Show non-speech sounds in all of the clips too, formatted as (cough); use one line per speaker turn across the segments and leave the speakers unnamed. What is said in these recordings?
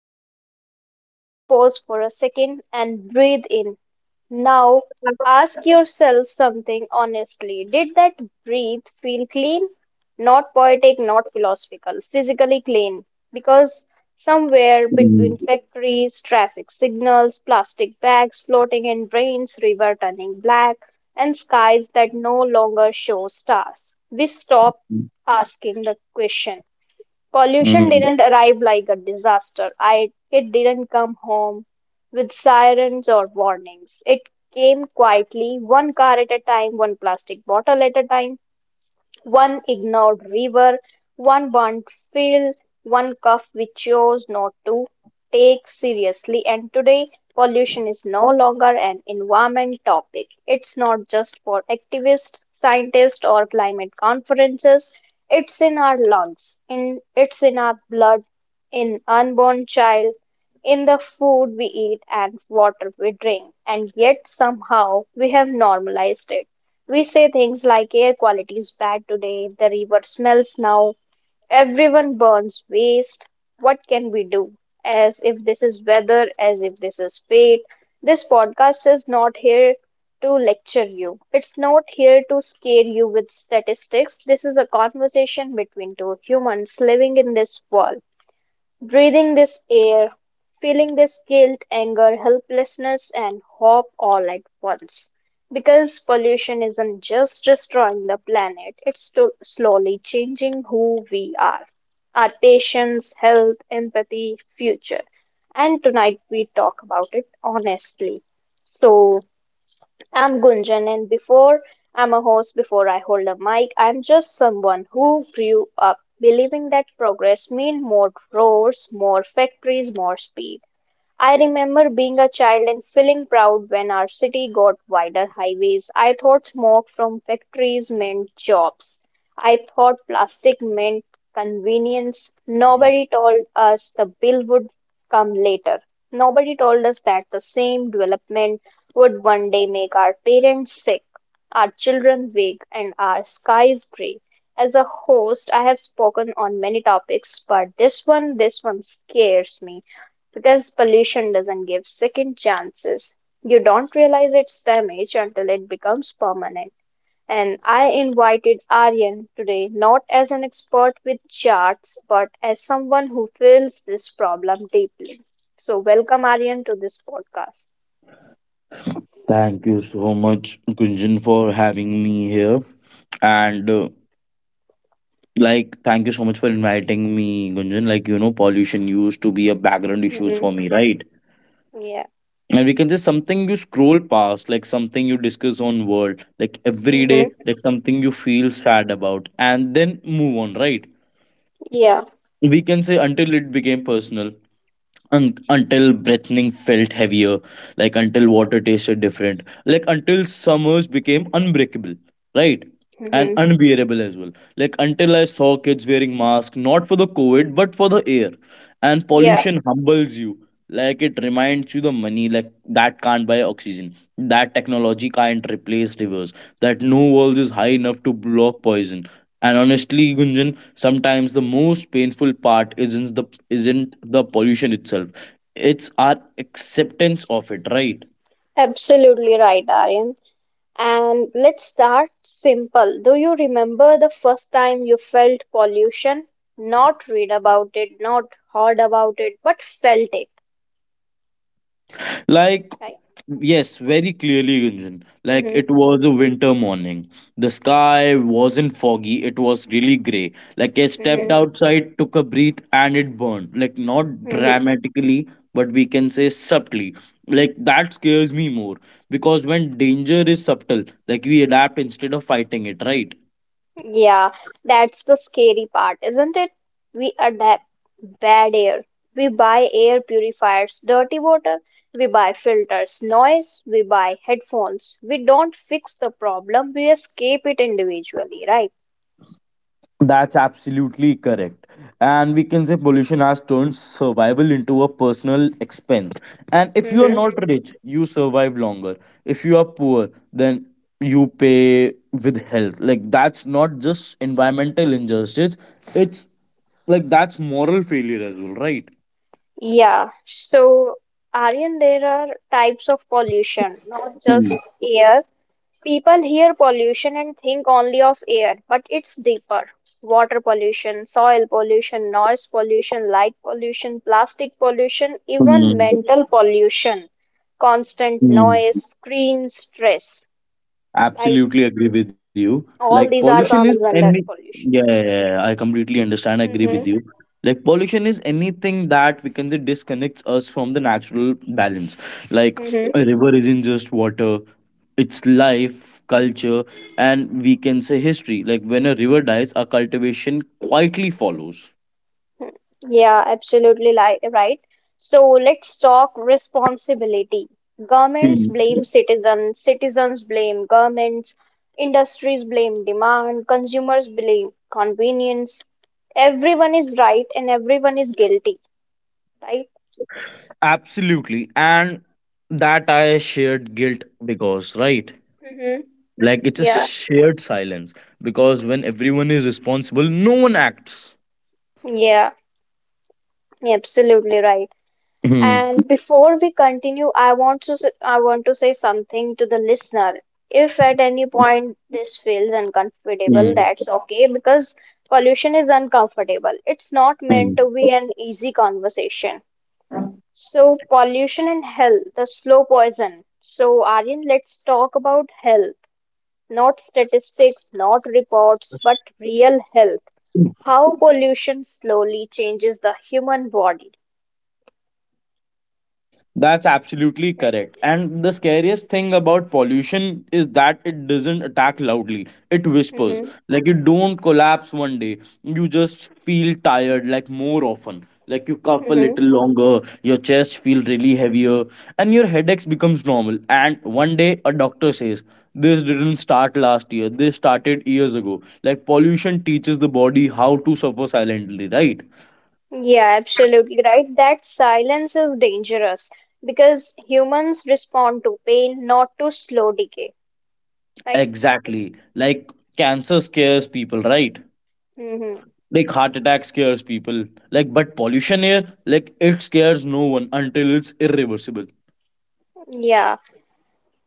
deep breath. Just pause for a second and breathe in. Now, ask yourself something honestly. Did that breathe feel clean? Not poetic, not philosophical, physically clean. Because somewhere
Mm,
between factories, traffic signals, plastic bags floating in drains, river turning black, and skies that no longer show stars, we stop asking the question Pollution
mm.
didn't arrive like a disaster. It didn't come home with sirens or warnings. It came quietly, one car at a time, one plastic bottle at a time. One ignored river, one burnt field, one cuff we chose not to take seriously. And today, pollution is no longer an environment topic. It's not just for activists, scientists, or climate conferences. It's in our lungs, in it's in our blood, in unborn child, in the food we eat and water we drink. And yet somehow we have normalized it. We say things like air quality is bad today, the river smells now, everyone burns waste. What can we do? As if this is weather, as if this is fate. This podcast is not here to lecture you, it's not here to scare you with statistics. This is a conversation between two humans living in this world. Breathing this air, feeling this guilt, anger, helplessness, and hope all at once. Because pollution isn't just destroying the planet, it's slowly changing who we are, our patience, health, empathy, future. And tonight we talk about it honestly. So, I'm Gunjan, and before I'm a host, before I hold a mic, I'm just someone who grew up believing that progress meant more roads, more factories, more speed. I remember being a child and feeling proud when our city got wider highways. I thought smoke from factories meant jobs. I thought plastic meant convenience. Nobody told us the bill would come later. Nobody told us that the same development would one day make our parents sick, our children weak, and our skies grey. As a host, I have spoken on many topics, but this one scares me. Because pollution doesn't give second chances. You don't realize its damage until it becomes permanent. And I invited Aryan today not as an expert with charts, but as someone who feels this problem deeply. So, welcome Aryan to this podcast.
Thank you so much, Gunjan, for having me here. And uh, Thank you so much for inviting me, Gunjan. Pollution used to be a background issues
Mm-hmm.
for me, right?
Yeah.
And we can just something you scroll past, like something you discuss on world, like every day,
Mm-hmm.
like something you feel sad about, and then move on, right?
Yeah.
We can say until it became personal. Until breathing felt heavier, like until water tasted different, like until summers became unbreakable, right? And
Mm-hmm.
unbearable as well. Like until I saw kids wearing masks, not for the COVID, but for the air. And
Yeah.
pollution humbles you. Like it reminds you the money, like that can't buy oxygen. That technology can't replace rivers. That no wall is high enough to block poison. And honestly, Gunjan, sometimes the most painful part isn't the pollution itself, it's our acceptance of it, right?
Absolutely right, Aryan. And let's start simple. Do you remember the first time you felt pollution? Not read about it, not heard about it, but felt it,
Like,
right?
yes, very clearly, Gunjan. Like
Mm-hmm,
it was a winter morning, the sky wasn't foggy, it was really gray. Like I stepped
mm-hmm,
outside, took a breath, and it burned, like not
mm-hmm.
dramatically, but we can say subtly. Like that scares me more, because when danger is subtle, like we adapt instead of fighting it, right?
Yeah, that's the scary part, isn't it? We adapt bad air. We buy air purifiers, dirty water, we buy filters, noise, we buy headphones. We don't fix the problem, we escape it individually, right?
That's absolutely correct. And we can say pollution has turned survival into a personal expense. And if you are
Mm-hmm.
not rich, you survive longer. If you are poor, then you pay with health. Like, that's not just environmental injustice, it's like that's moral failure as well, right?
Yeah, so Aryan, there are types of pollution, not just
Mm,
air. People hear pollution and think only of air, but it's deeper. Water pollution, soil pollution, noise pollution, light pollution, plastic pollution, even
mm,
mental pollution, constant
mm.
noise, screen stress, right?
Absolutely agree with you. Like
All these
pollution
are
is
comes
any,
under
yeah,
pollution.
yeah, yeah, yeah, I completely understand. I agree with
Mm-hmm.
you. Like pollution is anything that we can say disconnects us from the natural balance. Like a river isn't just water, it's life, culture, and we can say history. Like when a river dies, our cultivation quietly follows.
Yeah, absolutely li right. So let's talk responsibility. Governments
Hmm.
blame citizens, citizens blame governments, industries blame demand, consumers blame convenience. Everyone is right and everyone is guilty, right?
Absolutely. And that I shared guilt because, right?
Mm-hmm.
Like it's a
Yeah,
shared silence, because when everyone is responsible no one acts.
yeah, absolutely right.
Mm-hmm.
And before we continue, I want to say something to the listener. If at any point this feels uncomfortable, that's okay because pollution is uncomfortable. It's not meant
Mm-hmm.
to be an easy conversation. So pollution and health, the slow poison. So Aryan, let's talk about health, not statistics, not reports, but real health. How pollution slowly changes the human body.
That's absolutely
Right.
correct. And the scariest thing about pollution is that it doesn't attack loudly. It whispers.
Mm-hmm.
Like you don't collapse one day. You just feel tired like more often. Like you cough a
Mm-hmm.
little longer, your chest feels really heavier, and your headaches becomes normal. And one day a doctor says, this didn't start last year, this started years ago. Like pollution teaches the body how to suffer silently, right?
Yeah, absolutely right. That silence is dangerous because humans respond to pain, not to slow decay, right?
Exactly. Like cancer scares people, right?
Mm-hmm.
Like heart attack scares people, like but pollution air, like it scares no one until it's irreversible.
Yeah.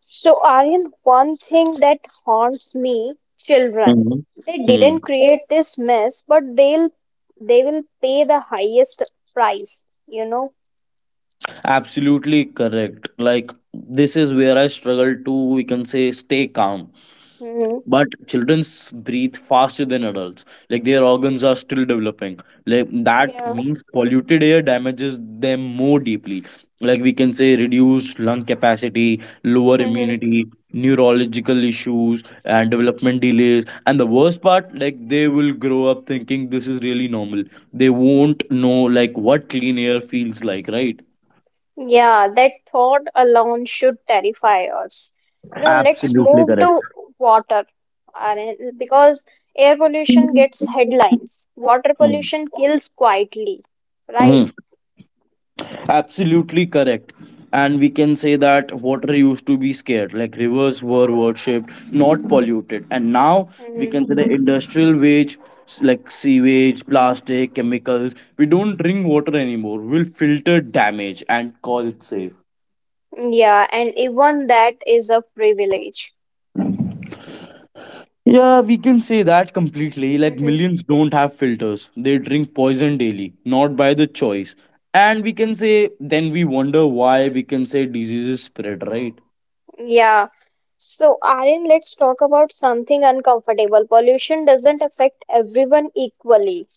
So, Aryan, one thing that haunts me, children.
Hmm.
They
Hmm.
didn't create this mess, but they will pay the highest price, you know?
Absolutely correct. Like this is where I struggle to, we can say, stay calm,
Mm-hmm.
but children's breathe faster than adults, like their organs are still developing, like that
Yeah.
means polluted air damages them more deeply. Like we can say reduced lung capacity, lower
Mm-hmm.
immunity, neurological issues and development delays. And the worst part, like they will grow up thinking this is really normal. They won't know like what clean air feels like, right?
Yeah, that thought alone should terrify us. You know, let's
Absolutely
move
correct.
to water, Aryan, because air pollution gets headlines. Water
Mm.
pollution kills quietly, right?
Mhm. Absolutely correct. And we can say that water used to be scared, like rivers were worshipped, not polluted. And now we
Hmm.
can say the industrial wage, like sewage, plastic, chemicals. We don't drink water anymore. We'll filter damage and call it safe.
Yeah, and even that is a privilege.
Yeah, we can say that completely. Like
Hmm.
millions don't have filters. They drink poison daily, not by the choice. And we can say, then we wonder why we can say diseases spread, right?
Yeah. So, Aryan, let's talk about something uncomfortable. Pollution doesn't affect everyone equally,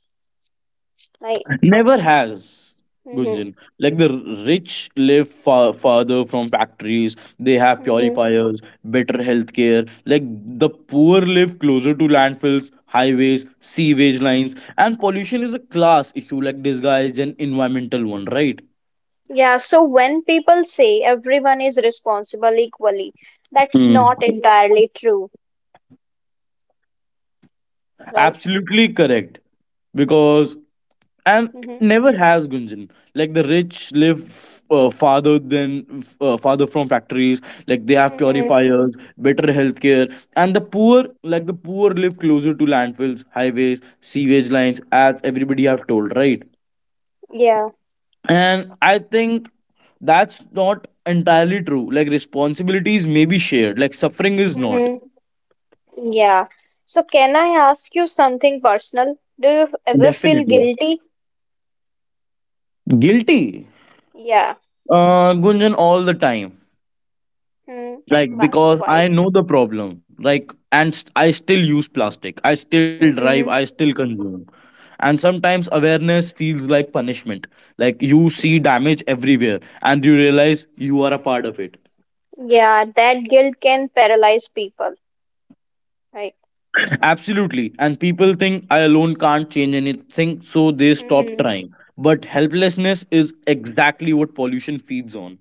right?
Never has,
Hmm.
Gunjan. Like the rich live far farther from factories, they have
Hmm.
purifiers, better healthcare. Like the poor live closer to landfills, highways, sewage lines, and pollution is a class issue, like disguised an environmental one, right?
Yeah, so when people say everyone is responsible equally, that's
Hmm.
not entirely true, right?
Absolutely correct. Because and it
Mm-hmm.
never has, Gunjan, like the rich live, farther than farther from factories, like they have
Mm-hmm.
purifiers, better healthcare, and the poor, like the poor live closer to landfills, highways, sewage lines, as everybody have told, right?
Yeah.
And I think that's not entirely true, like responsibilities may be shared, like suffering is not.
Mm-hmm. Yeah. So can I ask you something personal? Do you ever feel
Definitely
guilty?
guilty,
Yeah.
Gunjan, all the time.
Hmm.
Like
Why?
because
Why?
I know the problem, like and I still use plastic, I still drive, I
Mm-hmm.
still consume. And sometimes awareness feels like punishment, like you see damage everywhere and you realize you are a part of it.
Yeah, that guilt can paralyze people, right?
Absolutely, and people think I alone can't change anything, so they stop trying. But helplessness is exactly what pollution feeds on.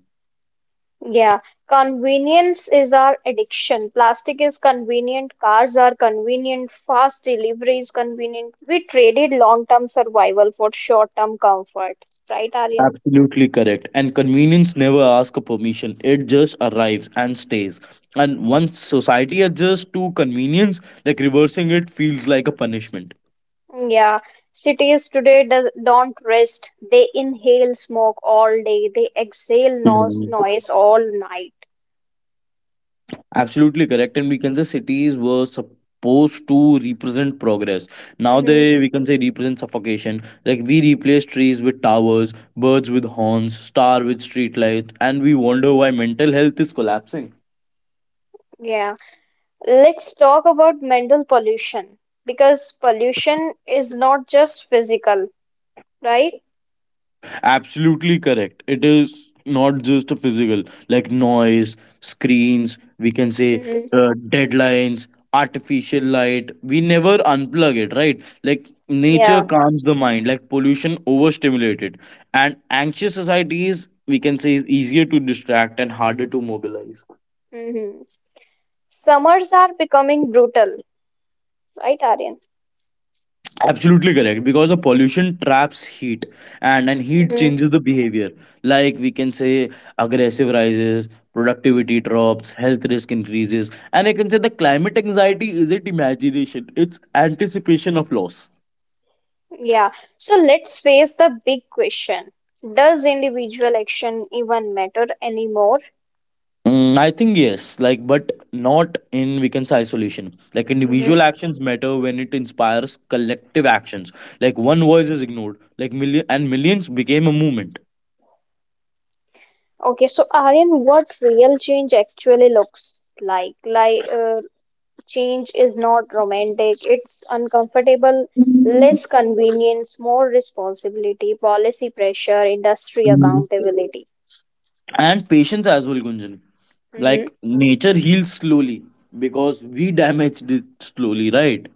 Yeah, convenience is our addiction. Plastic is convenient, cars are convenient, fast delivery is convenient. We traded long-term survival for short-term comfort, right, Aryan?
Absolutely correct. And convenience never asks permission. It just arrives and stays. And once society adjusts to convenience, like reversing it feels like a punishment.
Yeah, cities today do don't rest. They inhale smoke all day, they exhale noise,
Mhm.
noise all night.
Absolutely correct. And we can say cities were supposed to represent progress. Now
Hmm.
they, we can say, represent suffocation. Like we replace trees with towers, birds with horns, star with streetlights, and we wonder why mental health is collapsing.
Yeah. Let's talk about mental pollution because pollution is not just physical, right?
Absolutely correct. It is not just a physical, like noise, screens, we can say,
Hmm.
deadlines, artificial light. We never unplug it, right? Like nature
Yeah.
calms the mind, like pollution overstimulated. And anxious societies, we can say, is easier to distract and harder to mobilize.
Hmm. Summers are becoming brutal, right, Aryan?
Absolutely correct, because the pollution traps heat, and heat
Hmm.
changes the behavior. Like we can say aggressive rises, productivity drops, health risk increases, and I can say the climate anxiety isn't imagination, it's anticipation of loss.
Yeah. So let's face the big question. Does individual action even matter anymore?
Mm, I think yes, like, but not in, we can say, isolation. Like individual
Hmm.
actions matter when it inspires collective actions. Like one voice is ignored, like million and millions became a movement.
Okay, so Aryan, what real change actually looks like? Like, change is not romantic, it's uncomfortable, less convenience, more responsibility, policy pressure, industry
Mhm.
accountability.
And patience as well, Gunjan.
Mm-hmm.
Like nature heals slowly because we damaged it slowly, right?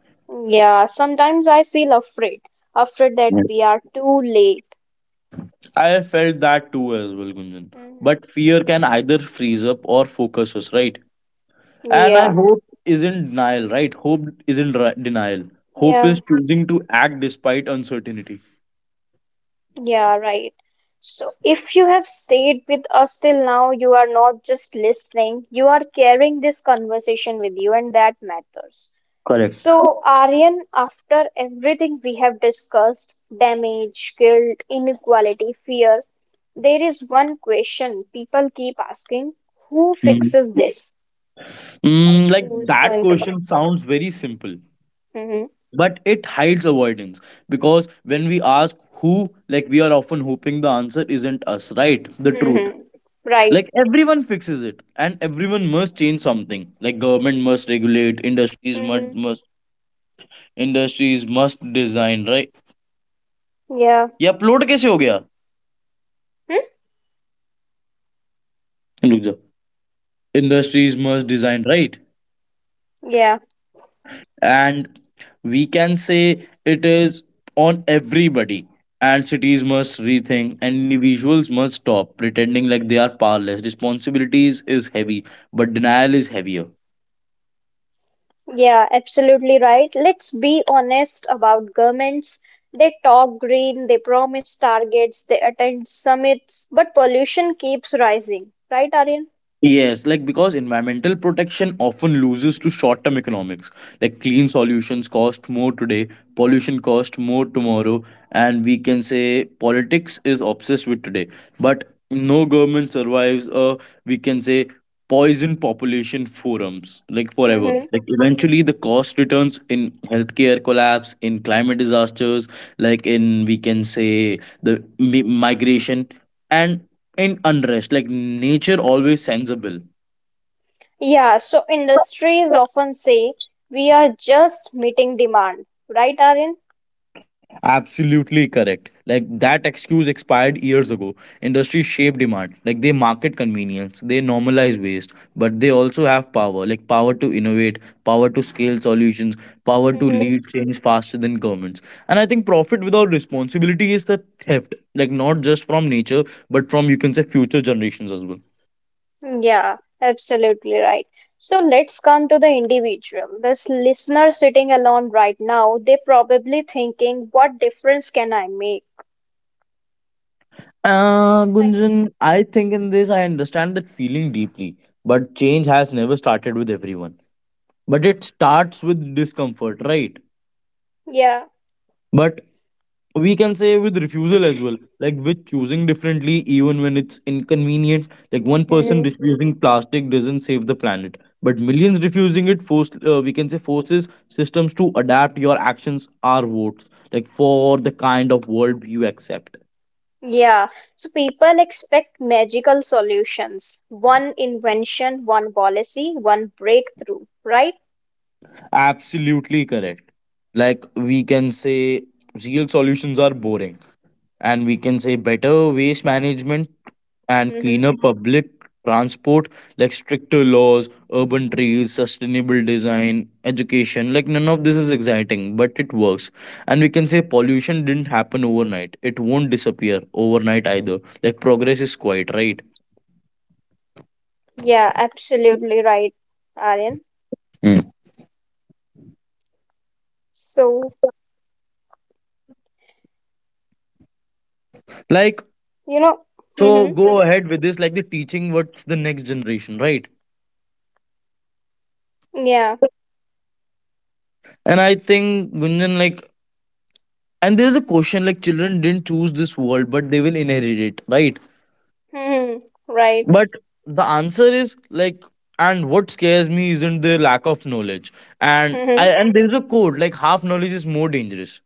Yeah, sometimes I feel afraid, afraid that
Yeah.
we are too late.
I felt that too as well, Gunjan.
Mhm.
But fear can either freeze up or focus us, right? And I
Yeah,
hope isn't denial, right? Hope isn't ri- denial. Hope
yeah,
is choosing to act despite uncertainty.
yeah, right. So if you have stayed with us till now, you are not just listening, you are carrying this conversation with you, and that matters.
Correct.
So, Aryan, after everything we have discussed, damage, guilt, inequality, fear, there is one question people keep asking, who
Mm.
fixes this? Like,
Mm, like
who's
that
going to?
question sounds very simple,
Hmm.
but it hides avoidance, because when we ask who, like we are often hoping the answer isn't us, right? The truth,
Hmm. Right.
like everyone fixes it and everyone must change something. Like government must regulate,
Hmm. Yeah. Hmm?
industries must design, right?
Yeah.
And we can say it is on everybody, and cities must rethink, and individuals must stop pretending like they are powerless. Responsibilities is heavy, but denial is heavier.
Yeah, absolutely right. Let's be honest about governments. They talk green, they promise targets, they attend summits, but pollution keeps rising. Right, Aryan?
Yes, like because environmental protection often loses to short term economics. Like clean solutions cost more today, pollution cost more tomorrow, and we can say politics is obsessed with today. But no government survives a, we can say, poison population forums like forever.
Hmm.
Like eventually the cost returns in healthcare collapse, in climate disasters, like in, we can say, the migration. And and unrest. Like nature always sends a bill.
Yeah, so industries often say we are just meeting demand. Right, Aryan?
Absolutely correct. Like that excuse expired years ago. Industry shape demand. Like they market convenience, they normalize waste, but they also have power. Like power to innovate, power to scale solutions, power to lead change faster than governments. And I think profit without responsibility is the theft. Like not just from nature, but from, you can say, future generations as well.
Mm, yeah, absolutely right. So let's come to the individual. This listener sitting alone right now, they probably thinking, what difference can I make? Like,
Gunjan, I think in this I understand that feeling deeply, but change has never started with everyone. But it starts with discomfort, right?
yeah.
But we can say with refusal as well, like with choosing differently, even when it's inconvenient. Like one person
Hmm.
refusing plastic doesn't save the planet, but millions refusing it force, we can say, forces systems to adapt. Your actions are votes, like for the kind of world you accept.
Yeah. So people expect magical solutions. One invention, one policy, one breakthrough, right?
Absolutely correct. Like we can say real solutions are boring, and we can say better waste management and
Mm-hmm.
cleaner public transport, like stricter laws, urban trees, sustainable design, education, like none of this is exciting but it works. And we can say pollution didn't happen overnight. It won't disappear overnight either. Like progress is quite right?
Yeah, absolutely right, Aryan.
Mm.
So,
Like
you know,
so
mm-hmm.
go ahead with this, like the teaching what's the next generation, right?
Yeah.
And I think Gunjan, like, and there is a question like children didn't choose this world, but they will inherit it, right?
Mm-hmm. Right.
But the answer is like, and what scares me isn't the lack of knowledge. And I,
Mm-hmm.
and there is a quote like half knowledge is more dangerous.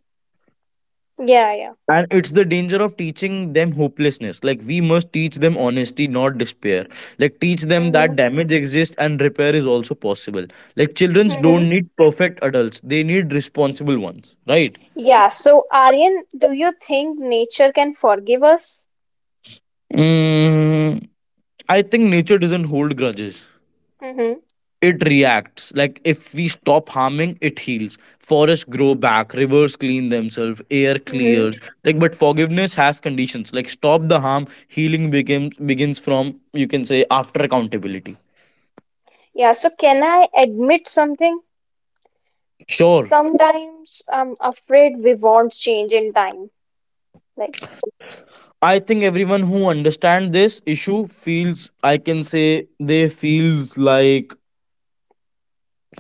Yeah, yeah.
And it's the danger of teaching them hopelessness. Like we must teach them honesty, not despair. Like teach them that
Mm-hmm.
damage exists and repair is also possible. Like childrens
Mm-hmm.
don't need perfect adults; they need responsible ones, right?
Yeah, so Aryan, do you think nature can forgive us?
Mm, I think nature doesn't hold grudges.
Mm-hmm.
It reacts. Like if we stop harming, it heals. Forests grow back, rivers clean themselves, air
Mm-hmm.
clears. Like but forgiveness has conditions. Like stop the harm, healing begins from, you can say, after accountability.
Yeah, so can I admit something?
Sure.
Sometimes I'm afraid we want change in time. Like,
I think everyone who understands this issue feels, I can say, they feels like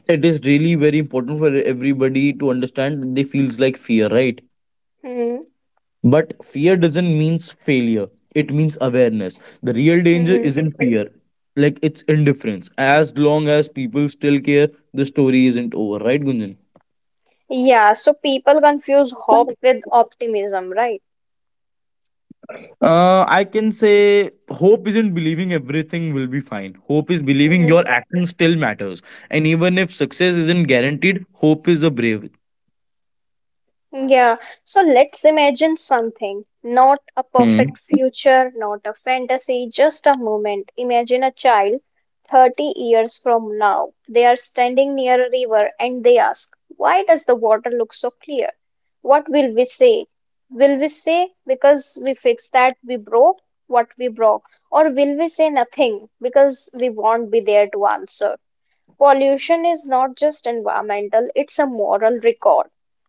it is really very important for everybody to understand, they feels like fear, right?
mm-hmm.
But fear doesn't means failure. It means awareness. The real danger
Mm-hmm.
isn't fear. Like it's indifference. As long as people still care, the story isn't over, right, Gunjan?
Yeah, so people confuse hope with optimism, right?
I can say hope isn't believing everything will be fine. Hope is believing your action still matters. And even if success isn't guaranteed, hope is a brave.
Yeah, so let's imagine something, not a
Hmm.
perfect future, not a fantasy, just a moment. Imagine a child 30 years from now. They are standing near a river and they ask, why does the water look so clear? What will we say? Will we say because we fixed that we broke what we broke? Or will we say nothing because we won't be there to answer? Pollution is not just environmental, it's a moral record.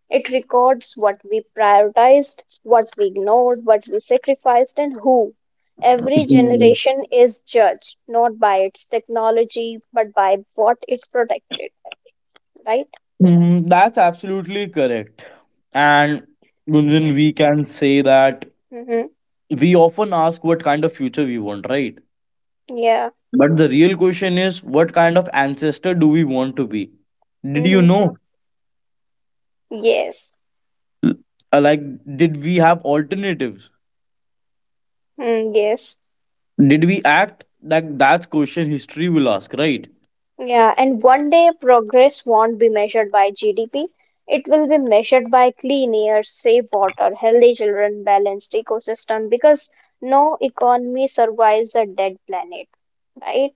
It records what we prioritized, what we ignored, what we sacrificed, and who. Every
Hmm.
generation is judged not by its technology, but by what it protected, right?
Hmm, that's absolutely correct. And Gunjan, we can say that
Mm-hmm.
we often ask what kind of future we want, right?
Yeah.
But the real question is, what kind of ancestor do we want to be? Did you
Mm-hmm.
know?
Yes.
Uh, Like, did we have alternatives?
Mm, yes.
Did we act? Like, that's question history will ask, right?
Yeah, and one day progress won't be measured by GDP. It will be measured by clean air, safe water, healthy children, balanced ecosystem, because no economy survives a dead planet, right?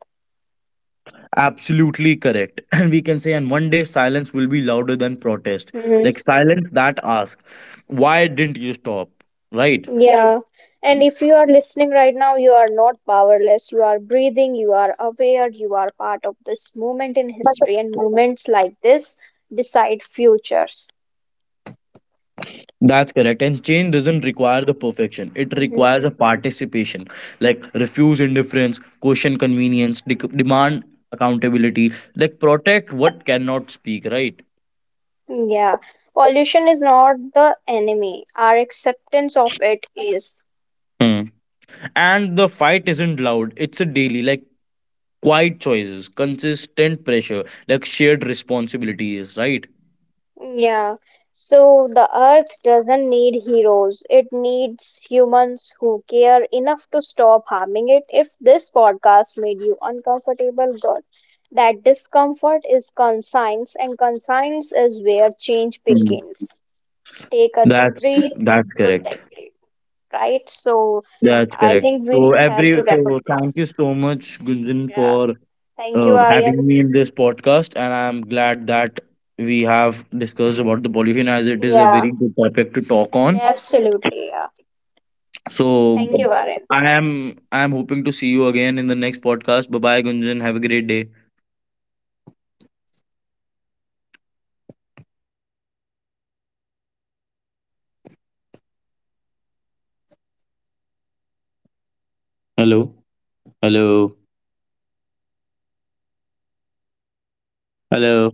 Absolutely correct. (laughs) (clears throat) And we can say, and one day silence will be louder than protest.
Hmm.
Like, silence that asks, why didn't you stop? Right?
Yeah. And if you are listening right now, you are not powerless. You are breathing, you are aware, you are part of this moment in history, and moments like this decide futures.
That's correct. And change doesn't require the perfection. It requires a participation, like refuse indifference, question convenience, demand accountability, like protect what cannot speak, right?
Yeah, pollution is not the enemy. Our acceptance of it is.
Hmm. And the fight isn't loud, it's a daily, like quiet choices, consistent pressure, like shared responsibilities, right?
Yeah. So the earth doesn't need heroes. It needs humans who care enough to stop harming it. If this podcast made you uncomfortable, good. That discomfort is conscience, and conscience is where change
Hmm.
begins. Take a
That's
breath,
that's correct.
protect it, right? So
That's
I
correct.
think we
So
have to
every so
wrap up
thank
this.
you so much, Gunjan,
Yeah.
for
Thank you, Aryan.
having me in this podcast, and I'm glad that we have discussed about the pollution as it is a
Yeah,
very good topic to talk on.
yeah, absolutely. Yeah.
So
Thank you, Varun.
I am hoping to see you again in the next podcast. Bye bye, Gunjan. Have a great day. Hello. Hello. Hello.